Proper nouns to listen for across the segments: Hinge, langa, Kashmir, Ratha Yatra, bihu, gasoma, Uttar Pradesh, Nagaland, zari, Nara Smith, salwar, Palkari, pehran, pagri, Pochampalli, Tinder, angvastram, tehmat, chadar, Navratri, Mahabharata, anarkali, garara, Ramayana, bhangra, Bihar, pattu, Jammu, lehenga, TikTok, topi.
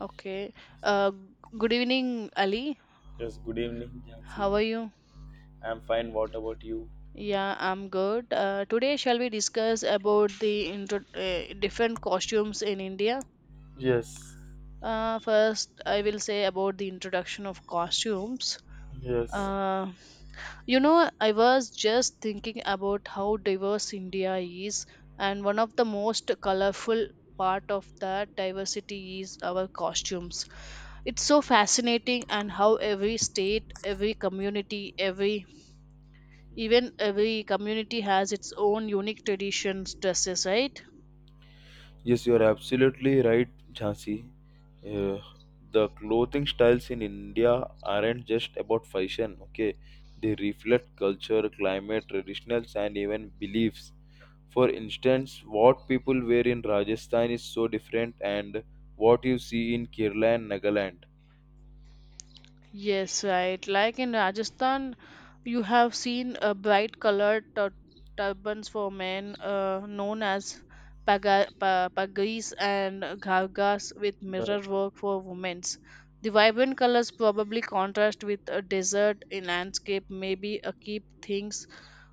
Okay. Uh, Good evening, Ali. Yes, good evening, Jansi. How are you? I'm fine. What about you? Yeah, I'm good. Today, shall we discuss about the intro different costumes in India? Yes, First, I will say about the introduction of costumes. yes, Uh, I was just thinking about how diverse India is, and one of the most colorful part of that diversity is our costumes. It's so fascinating, and how every state, every community, every Even every community has its own unique traditions, dresses, right? Yes, you are absolutely right, Jhansi. Uh, the clothing styles in India aren't just about fashion, okay? They reflect culture, climate, traditionals, and even beliefs. For instance, what people wear in Rajasthan is so different, and what you see in Kerala and Nagaland. Yes, right. Like in Rajasthan, you have seen bright colored turbans for men, known as pagris and ghargas, with mirror work for women. The vibrant colors probably contrast with a desert in landscape, maybe a keep things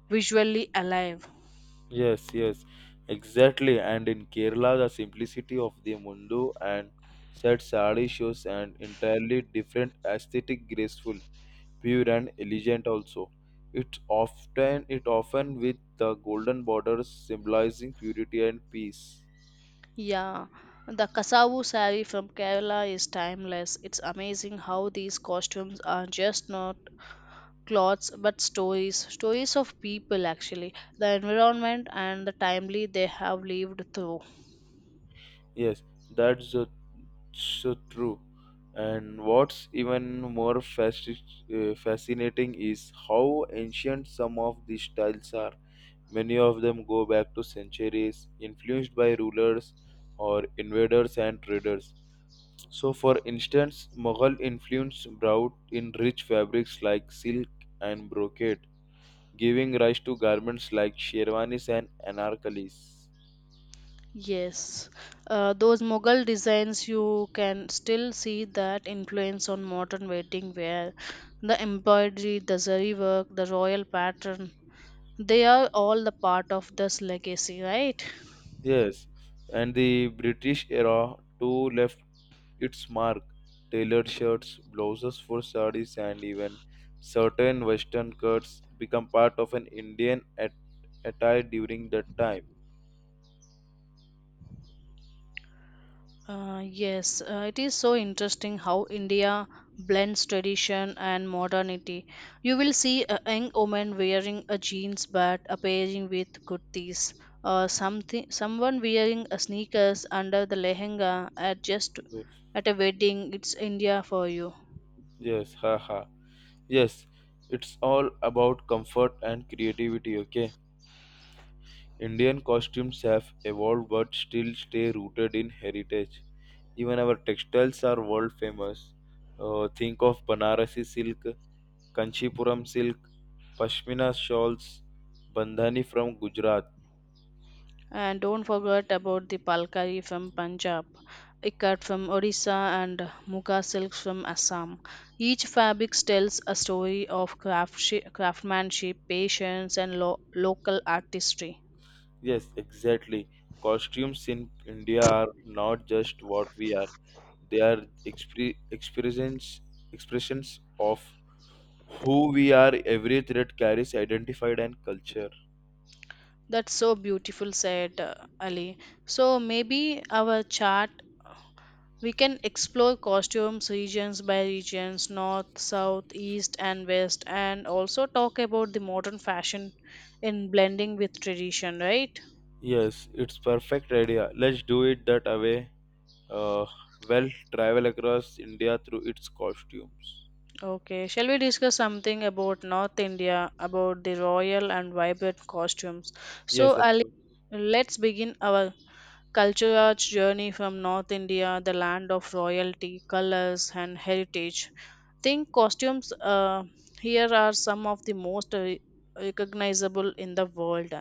visually alive. Yes, yes, exactly. And in Kerala, the simplicity of the mundu and said sari shows an entirely different aesthetic, graceful, pure, and elegant. Also, it often with the golden borders symbolizing purity and peace. Yeah, the Kasavu saree from Kerala is timeless. It's amazing how these costumes are just not clothes but stories, stories of people actually, the environment and the timely they have lived through. Yes, that's so true. And what's even more fascinating is how ancient some of these styles are. Many of them go back to centuries, influenced by rulers or invaders and traders. So, for instance, Mughal influence brought in rich fabrics like silk and brocade, giving rise to garments like sherwanis and anarkalis. Yes, those Mughal designs you can still see that influence on modern wedding wear. The embroidery, the zari work, the royal pattern, they are all the part of this legacy, right? Yes, and the British era too left its mark. Tailored shirts, blouses for sarees, and even certain western cuts become part of an Indian attire during that time. Yes, it is so interesting how India blends tradition and modernity. You will see a young woman wearing a jeans but appearing with kurtis, or something, someone wearing a sneakers under the lehenga at just at a wedding. It's India for you. Yes, haha. Yes, it's all about comfort and creativity, okay? Indian costumes have evolved but still stay rooted in heritage. Even our textiles are world famous. Think of Banarasi silk, Kanchipuram silk, Pashmina shawls, Bandhani from Gujarat. And don't forget about the Palkari from Punjab, Ikat from Orissa, and Muga silks from Assam. Each fabric tells a story of craftsmanship, patience, and local artistry. Yes, exactly. Costumes in India are not just what we are, they are expressions, expressions of who we are. Every thread carries identified and culture. That's so beautiful, said Ali. So maybe our chart we can explore costumes regions by regions, north, south, east, and west, and also talk about the modern fashion in blending with tradition, right? Yes, it's perfect idea. Let's do it that way. Uh, well, travel across India through its costumes. Okay, shall we discuss something about North India, about the royal and vibrant costumes? Yes, So, of Ali, course. let's begin our cultural journey from North India, the land of royalty, colors, and heritage. Think costumes here are some of the most recognizable in the world.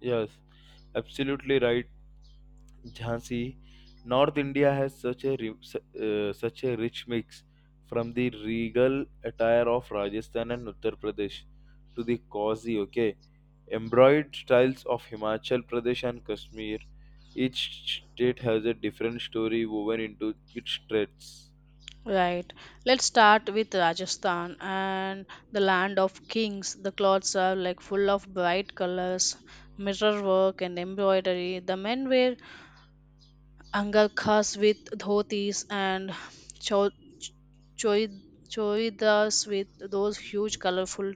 Yes, absolutely right, Jhansi. North India has such a such a rich mix from the regal attire of Rajasthan and Uttar Pradesh to the cozy, okay, embroidered styles of Himachal Pradesh and Kashmir. Each state has a different story woven into its threads. Right. Let's start with Rajasthan and the land of kings. The clothes are like full of bright colors, mirror work, and embroidery. The men wear angarkhas with dhotis and cho- choi- choidas with those huge colorful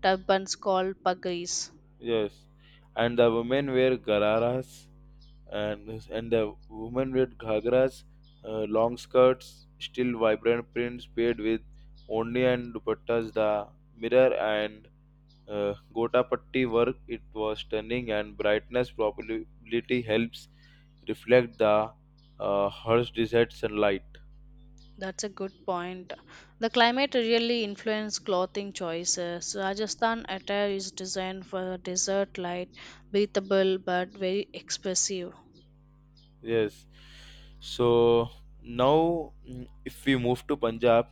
turbans called pagris. Yes, and the women wear gararas and the women with ghagras, long skirts, still vibrant prints paired with ondi and dupattas. The mirror and gotapatti work it was stunning, and brightness probability helps reflect the harsh desert sunlight. That's a good point. The climate really influences clothing choices. Rajasthan attire is designed for desert light, breathable but very expressive. Yes. So now, if we move to Punjab,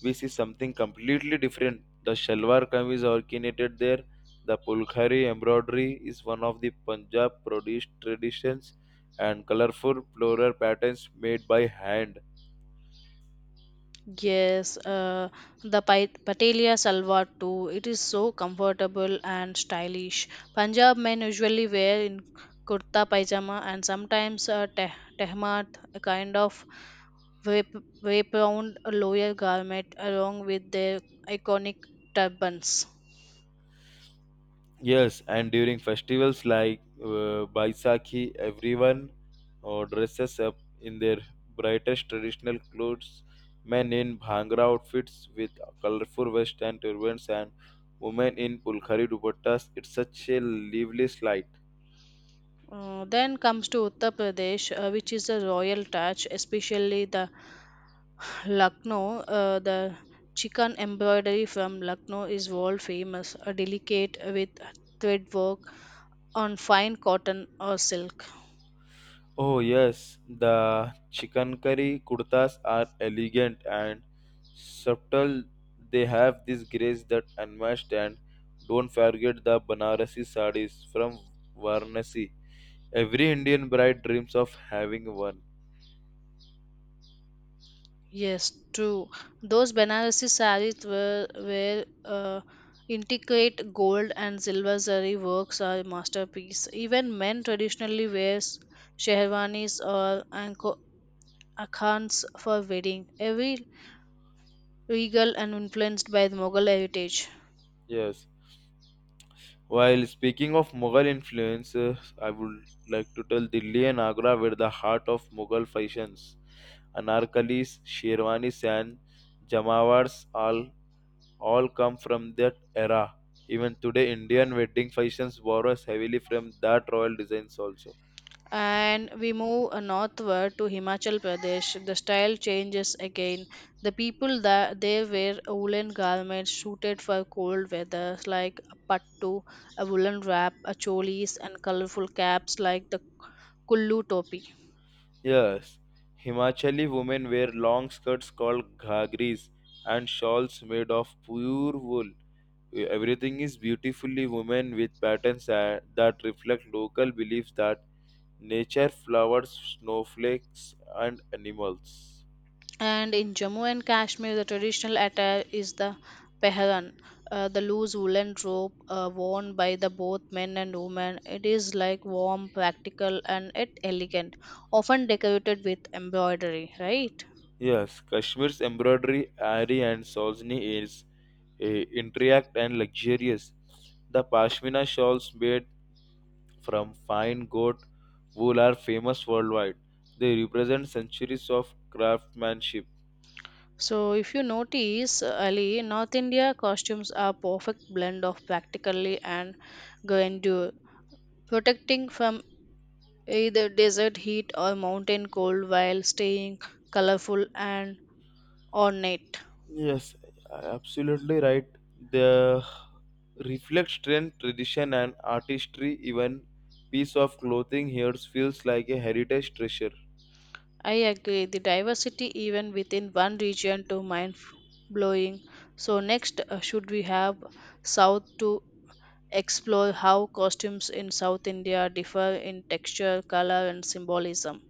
we see something completely different. The shalwar kameez originated there. The pulkhari embroidery is one of the Punjab produced traditions, and colorful floral patterns made by hand. Yes, the Patelia salwar too. It is so comfortable and stylish. Punjab men usually wear in kurta pajama and sometimes a tehmat, a kind of wrap wraparound lower garment, along with their iconic turbans. Yes, and during festivals like Baisakhi, everyone dresses up in their brightest traditional clothes. Men in bhangra outfits with colorful vests and turbans, and women in pulkhari dupattas. It's such a lively sight. Then comes to Uttar Pradesh, which is a royal touch, especially the Lucknow. The chicken embroidery from Lucknow is world famous, a delicate with thread work on fine cotton or silk. Oh yes, the chikankari kurtas are elegant and subtle. They have this grace that unmatched, and don't forget the Banarasi sarees from Varanasi. Every Indian bride dreams of having one. Yes, true. Those Banarasi saris were intricate gold and silver zari works are masterpiece. Even men traditionally wear sherwanis or akhans for wedding, every regal and influenced by the Mughal heritage. Yes. While speaking of Mughal influence, I would like to tell Delhi and Agra were the heart of Mughal fashions. Anarkalis, Sherwanis, and Jamawars all come from that era. Even today, Indian wedding fashions borrows heavily from that royal designs also. And we move northward to Himachal Pradesh. The style changes again. The people that they wear woolen garments suited for cold weather, like a pattu, a woolen wrap, a cholis, and colorful caps like the kullu topi. Yes, Himachali women wear long skirts called ghagris and shawls made of pure wool. Everything is beautifully woven with patterns that reflect local beliefs that nature, flowers, snowflakes, and animals. And in Jammu and Kashmir, the traditional attire is the pehran, the loose woolen robe worn by the both men and women. It is like warm, practical, and yet elegant, often decorated with embroidery. Right. Yes, Kashmir's embroidery, ari, and Saujni is intricate and luxurious. The pashmina shawls made from fine goat wool are famous worldwide. They represent centuries of craftsmanship. So, if you notice, Ali, North India costumes are perfect blend of practically and grandeur, protecting from either desert heat or mountain cold while staying colorful and ornate. Yes, absolutely right. The reflect strength, tradition, and artistry. Even piece of clothing here feels like a heritage treasure. I agree, the diversity even within one region to mind blowing. So next, should we have South to explore how costumes in South India differ in texture, color, and symbolism?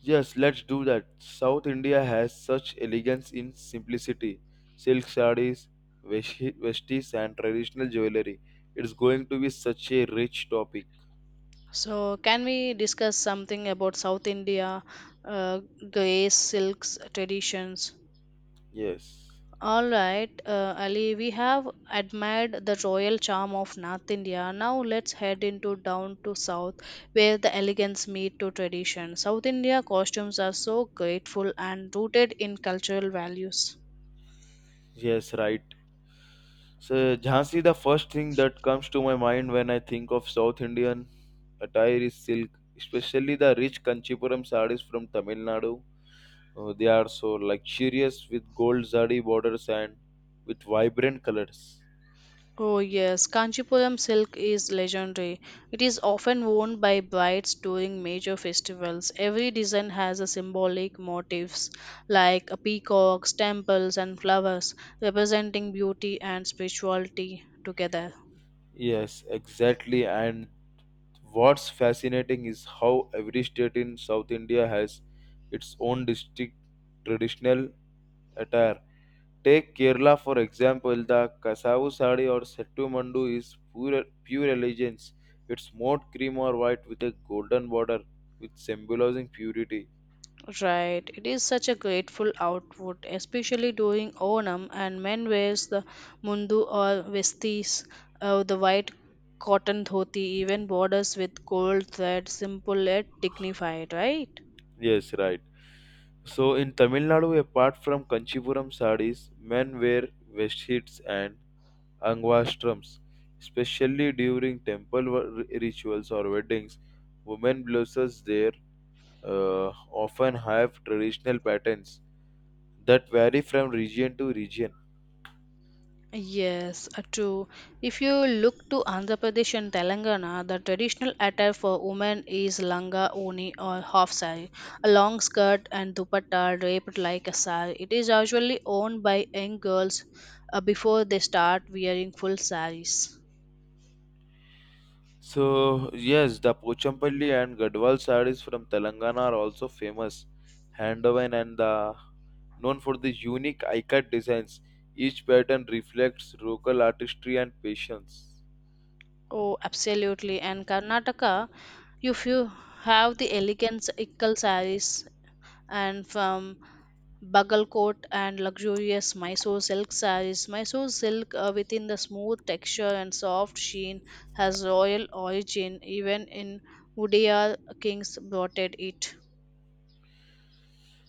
Yes, let's do that. South India has such elegance in simplicity. Silk sarees, vesties, and traditional jewelry. It's going to be such a rich topic. So can we discuss something about South India, uh, grace, silks, traditions? Yes. All right, Ali, we have admired the royal charm of North India. Now let's head into down to South, where the elegance meet to tradition. South India costumes are so grateful and rooted in cultural values. Yes, right. So, Jhansi, the first thing that comes to my mind when I think of South Indian attire is silk, especially the rich Kanchipuram sarees from Tamil Nadu. They are so luxurious with gold zari borders and with vibrant colors. Oh, yes, Kanchipuram silk is legendary. It is often worn by brides during major festivals. Every design has a symbolic motifs like a peacocks, temples, and flowers, representing beauty and spirituality together. Yes, exactly. And what's fascinating is how every state in South India has its own distinct traditional attire. Take Kerala for example, the Kasavu sari or Settu Mandu is pure elegance. It's mode cream or white with a golden border, with symbolizing purity. Right, it is such a grateful outfit, especially during Onam, and men wears the mundu or vestis, the white cotton dhoti, even borders with gold thread, simple yet dignified. Right. Yes, right. So in Tamil Nadu, apart from Kanchipuram sarees, men wear vesthits and angvastrams, especially during temple rituals or weddings. Women blouses there often have traditional patterns that vary from region to region. Yes, true. If you look to Andhra Pradesh and Telangana, the traditional attire for women is langa, oni, or half sari, a long skirt and dupatta draped like a sari. It is usually owned by young girls before they start wearing full saris. So yes, the Pochampalli and Gadwal sarees from Telangana are also famous, handwoven, and the known for the unique eye-cut designs. Each pattern reflects local artistry and patience. Oh, absolutely. And Karnataka, if you have the elegant ikkal saris and from bugle coat and luxurious Mysore silk sarees. Mysore silk, within the smooth texture and soft sheen, has royal origin. Even in Udayan kings blotted it.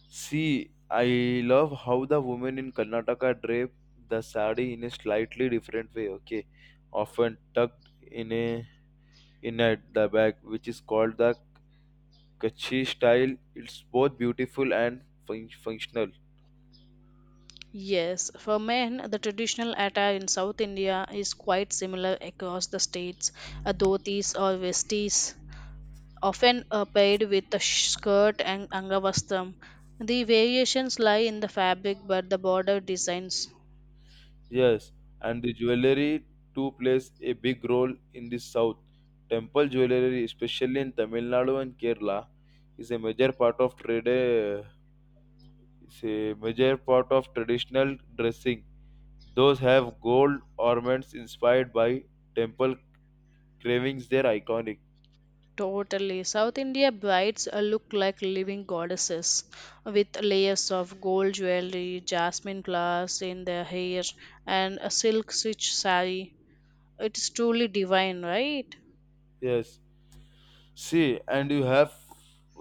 See, I love how the women in Karnataka drape the sari in a slightly different way. Okay, often tucked in at the back, which is called the Kachi style. It's both beautiful and functional. Yes, for men, the traditional attire in South India is quite similar across the states. A dhotis or vestis, often paired with a skirt and angavastram. The variations lie in the fabric, but the border designs. Yes, and the jewelry too plays a big role in the south. Temple jewelry, especially in Tamil Nadu and Kerala, is a major part of trade. eh, Is a major part of traditional dressing. Those have gold ornaments inspired by temple carvings. They're iconic. Totally. South India brides look like living goddesses with layers of gold jewelry, jasmine glass in their hair, and a silk stitch sari. It is truly divine, right? Yes. See, and you have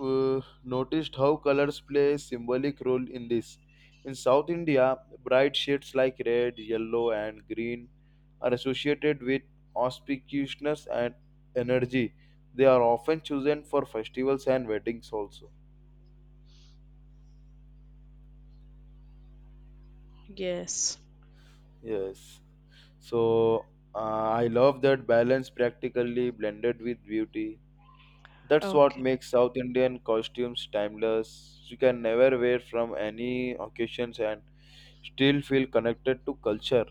noticed how colors play a symbolic role in this. In South India, bright shades like red, yellow, and green are associated with auspiciousness and energy. They are often chosen for festivals and weddings also. Yes. Yes. So I love that balance practically blended with beauty. That's what Okay. makes South Indian costumes timeless. You can never wear from any occasions and still feel connected to culture.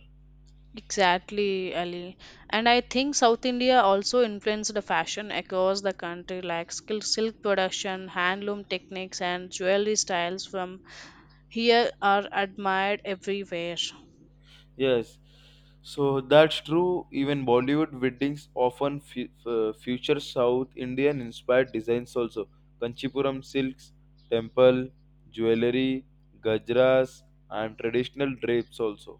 Exactly, Ali. And I think South India also influenced the fashion across the country, like skill silk production, handloom techniques, and jewelry styles from here are admired everywhere. Yes, so that's true. Even Bollywood weddings often feature South Indian inspired designs also. Kanchipuram silks, temple, jewelry, gajras, and traditional drapes also.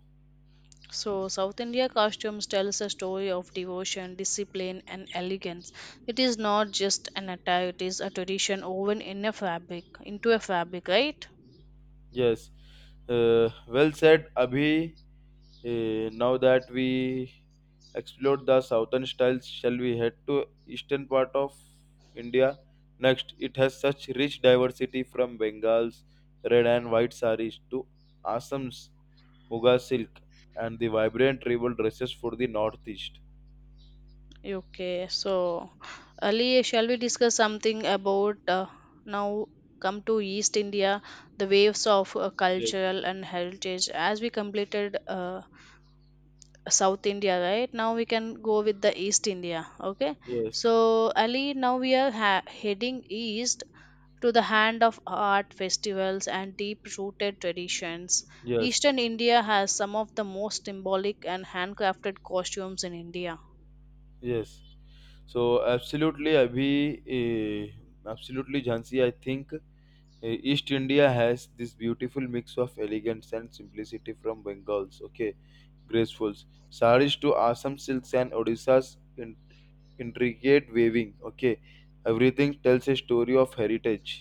So, South India costumes tells a story of devotion, discipline, and elegance. It is not just an attire; it is a tradition woven in a fabric, into a fabric, right? Yes, well said, Abhi. Now that we explored the southern styles, shall we head to eastern part of India next? It has such rich diversity from Bengal's red and white saris to Assam's Muga silk and the vibrant tribal dresses for the northeast. Okay. So, Ali, shall we discuss something about now? Come to East India, the waves of Yes, cultural and heritage. As we completed South India, right? Now we can go with the East India. Okay. yes, So, Ali, now we are heading east to the hand of art festivals and deep rooted traditions. yes, Eastern India has some of the most symbolic and handcrafted costumes in India. yes. So absolutely, Abhi, Jhansi. I think East India has this beautiful mix of elegance and simplicity from Bengals, okay, gracefuls, saris to Assam silks and Odisha's intricate weaving, okay. Everything tells a story of heritage.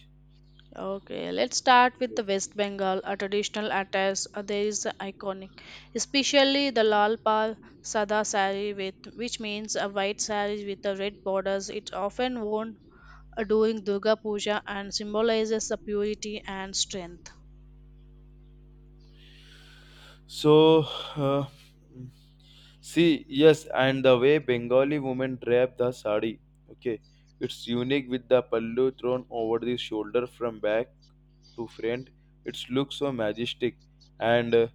Okay, let's start with the West Bengal, a traditional attire. There is a iconic, especially the Lal Pal Sada sari, with, which means a white sari with the red borders. It's often worn during Durga Puja and symbolizes the purity and strength. So, uh, See, yes, and the way Bengali women drape the sari, okay, it's unique with the pallu thrown over the shoulder from back to front. It looks so majestic, and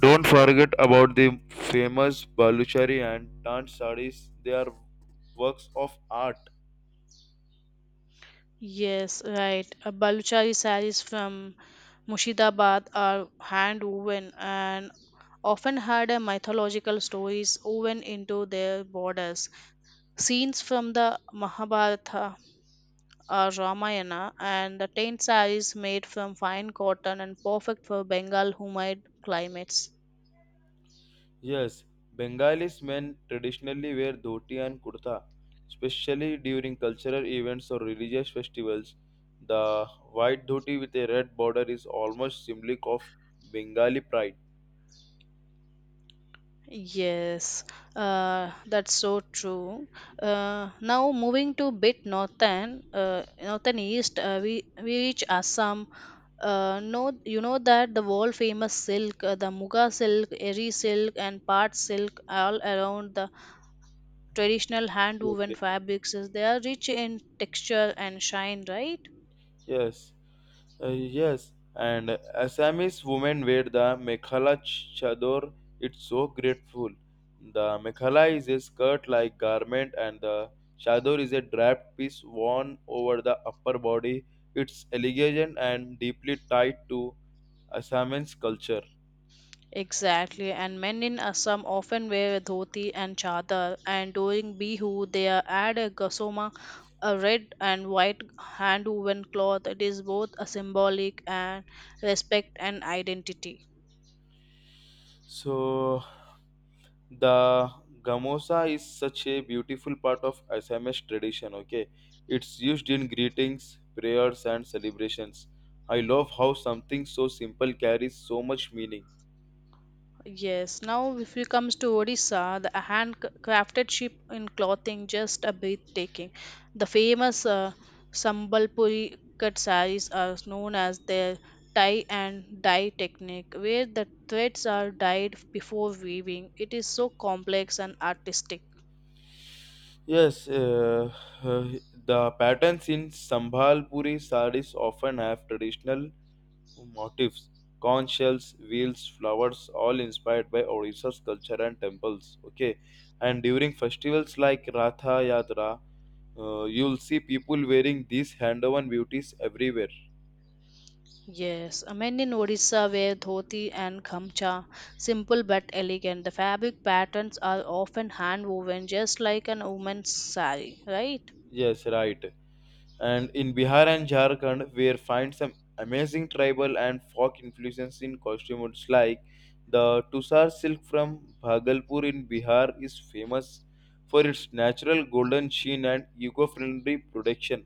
don't forget about the famous Baluchari and Tant sarees. They are works of art. Yes, right. A Baluchari sarees from Mushidabath are hand woven and often had a mythological stories woven into their borders. Scenes from the Mahabharata or Ramayana and the tent sarees made from fine cotton and perfect for Bengal humid climates. Yes, Bengalis men traditionally wear dhoti and kurta, especially during cultural events or religious festivals. The white dhoti with a red border is almost symbolic of Bengali pride. Yes, that's so true. Now moving to bit northern, northern east, we reach Assam, know you know that the world famous silk the muga silk eri silk and Pat silk all around the traditional hand Yes, woven yes. fabrics is they are rich in texture and shine, right? Yes. Yes, and Assamese women wear the mekhala chador. It's so grateful. The mekhala is a skirt-like garment, and the chador is a draped piece worn over the upper body. It's elegant and deeply tied to Assamese culture. Exactly, and men in Assam often wear dhoti and chadar and during bihu they are add a gasoma, a red and white hand woven cloth. It is both a symbolic and respect and identity. So the gamosa is such a beautiful part of Assamese tradition, okay? It's used in greetings, prayers, and celebrations. I love how something so simple carries so much meaning. Yes, now if we comes to Odisha, the handcrafted sheep in clothing just a breathtaking. The famous Sambalpuri cut sarees are known as their tie and dye technique, where the threads are dyed before weaving. It is so complex and artistic. Yes, uh, the patterns in Sambhalpuri sarees often have traditional motifs conch shells, wheels, flowers, all inspired by Odisha's culture and temples. Okay, and during festivals like Ratha Yatra, you'll see people wearing these hand-woven beauties everywhere. Yes, men in Odisha wear dhoti and gamcha, simple but elegant. The fabric patterns are often hand woven, just like an woman's sari, right? Yes, right. And in Bihar and Jharkhand, we find some amazing tribal and folk influences in costumes like the Tusar silk from Bhagalpur in Bihar is famous for its natural golden sheen and eco-friendly production.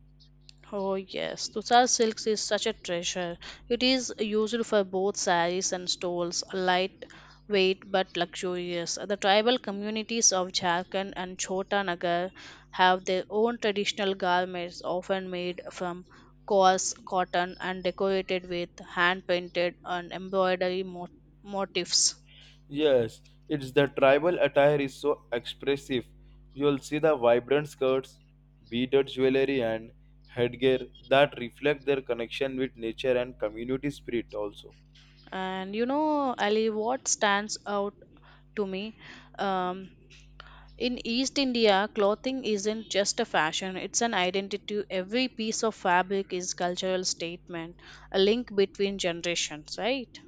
Oh yes, Tussar silks is such a treasure. It is used for both saris and stoles, lightweight but luxurious. The tribal communities of Jharkhand and Chota Nagar have their own traditional garments, often made from coarse cotton and decorated with hand-painted and embroidery motifs. Yes, it's the tribal attire is so expressive. You'll see the vibrant skirts, beaded jewelry, and headgear that reflect their connection with nature and community spirit, also. And you know, Ali, what stands out to me? Um, In East India, clothing isn't just a fashion, it's an identity. Every piece of fabric is cultural statement, a link between generations, right?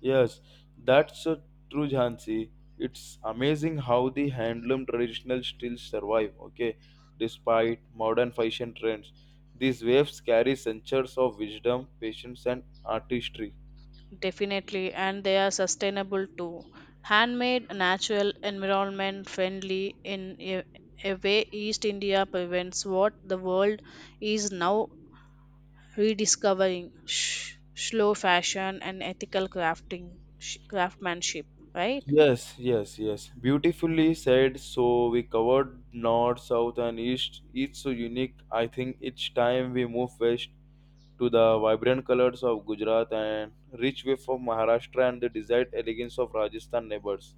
Yes, that's so true, Jhansi. It's amazing how the handloom traditional still survive, okay, despite modern fashion trends. These waves carry centuries of wisdom, patience, and artistry. Definitely, and they are sustainable too. Handmade, natural, environment friendly in a way East India prevents what the world is now rediscovering slow fashion and ethical crafting, craftsmanship, right? Yes. Beautifully said. So we covered north, south, and east. Each so unique. I think each time we move west to the vibrant colors of Gujarat and rich wave of Maharashtra and the desired elegance of Rajasthan neighbors.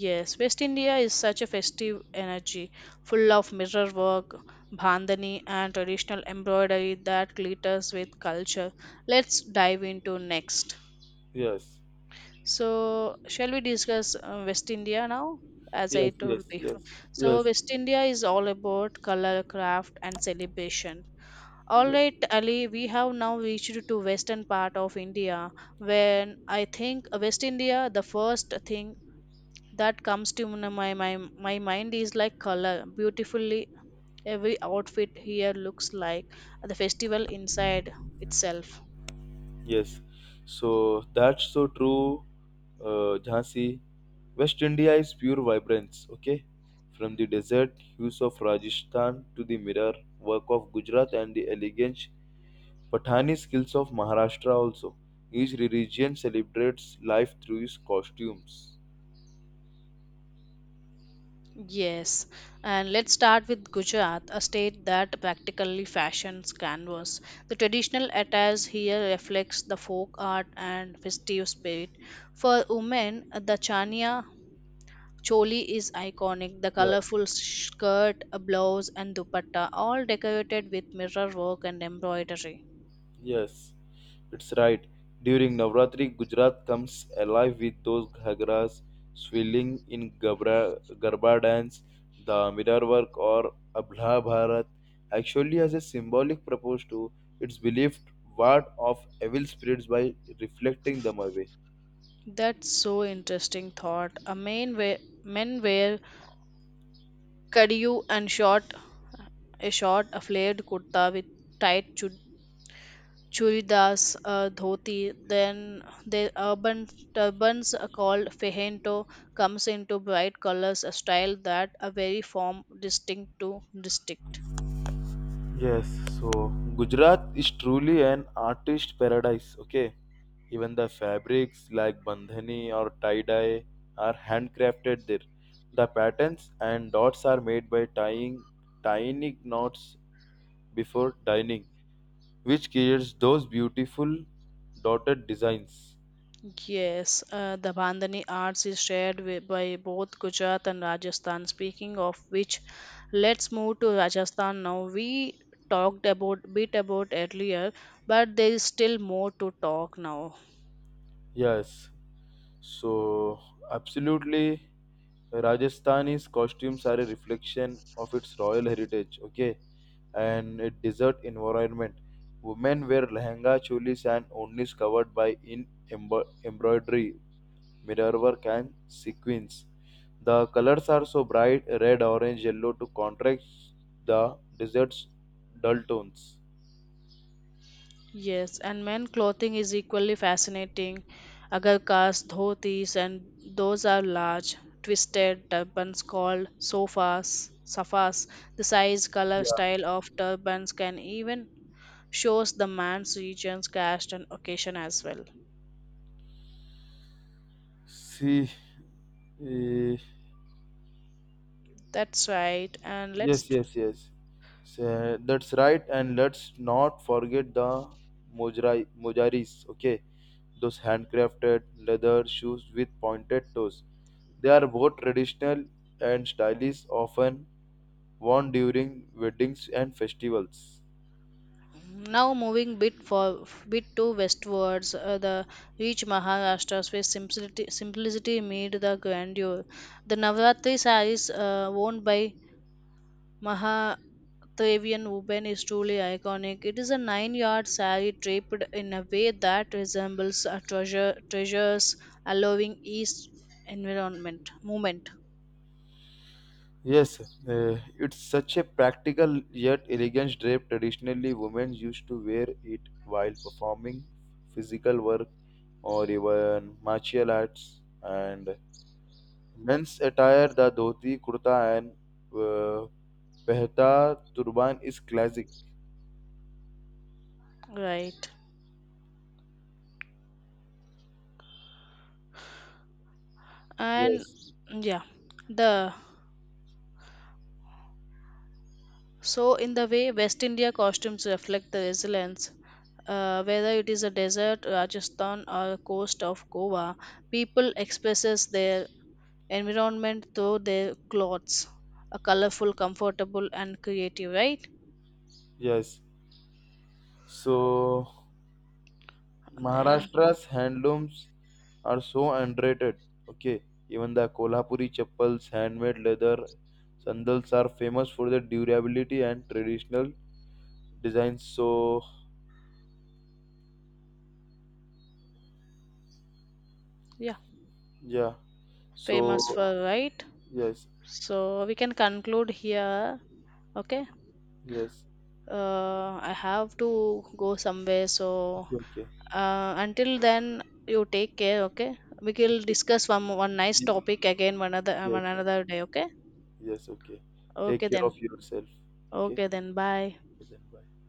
Yes, West India is such a festive energy, full of mirror work, bandhani, and traditional embroidery that glitters with culture. Let's dive into next. Yes, So, shall we discuss West India now? As yes, I told yes, yes, before, so yes. West India is all about color, craft, and celebration. All Yes. right, Ali, we have now reached to western part of India. When I think West India, the first thing that comes to my mind is like color beautifully every outfit here looks like the festival inside itself. Yes, so that's so true, Jhansi. West India is pure vibrance, okay? From the desert hues of Rajasthan to the mirror work of Gujarat and the elegant Pathani skills of Maharashtra also. Each religion celebrates life through its costumes. Yes, and let's start with Gujarat, a state that practically fashions canvas. The traditional attires here reflects the folk art and festive spirit. For women, the chania choli is iconic, the Yeah. colorful skirt a blouse and dupatta all decorated with mirror work and embroidery. Yes, it's right. During Navratri, Gujarat comes alive with those ghagras swirling in garba dance, the mirror work, or Abhla Bharat. Actually, has a symbolic purpose to its believed ward off evil spirits by reflecting them away. That's so interesting thought. A man wear Men wear kadiyu and short a flared kurta with tight churidas dhoti. Then the urban turbans are called fehento comes into bright colors, a style that a very form distinct to district. Yes, so Gujarat is truly an artist paradise. Okay, even the fabrics like bandhani or tie dye are handcrafted there. The patterns and dots are made by tying tiny knots before dyeing, which creates those beautiful dotted designs. Yes, the Bandhani arts is shared with, by both Gujarat and Rajasthan. Speaking of which, let's move to Rajasthan now. We talked about bit about earlier, but there is still more to talk now. Yes, so absolutely Rajasthani's costumes are a reflection of its royal heritage, okay, and a desert environment. Women wear lehenga, cholis, and onlis covered by in embroidery, mirror work, and sequins. The colors are so bright red, orange, yellow to contrast the desert's dull tones. Yes, and men clothing is equally fascinating. Agarkas, dhotis, and those are large, twisted turbans called safas. The size, color, Yeah. style of turbans can even shows the man's regions, caste, and occasion as well. See, eh, That's right. And let's yes. So, that's right. And let's not forget the mojaris. Okay, those handcrafted leather shoes with pointed toes. They are both traditional and stylish, often worn during weddings and festivals. now moving bit to westwards. The rich Maharashtra's where simplicity made the grandeur. The Navratri sarees worn by Mahadevian women is truly iconic. It is a nine-yard saree draped in a way that resembles a treasure treasures, allowing east environment movement. Yes, it's such a practical yet elegant drape. Traditionally, women used to wear it while performing physical work or even martial arts and men's attire, the dhoti, kurta, and uh, pehta turban is classic. Right. And Yes, yeah, the so in the way West India costumes reflect the resilience, whether it is a desert Rajasthan or coast of Goa, people expresses their environment through their clothes, a colorful comfortable and creative, right? yes. So And, Maharashtra's handlooms are so underrated. Okay, even the Kolhapuri chappals, handmade leather sandals are famous for their durability and traditional designs. So yeah, yeah, famous so for right, yes, so we can conclude here. Okay, yes. I have to go somewhere. So Okay, until then, you take care. Okay, we will okay, discuss one nice okay. topic again Yes, one another day. Okay, yes. Okay. Take okay care then. of yourself. Okay. Okay then. Bye. Okay, then bye.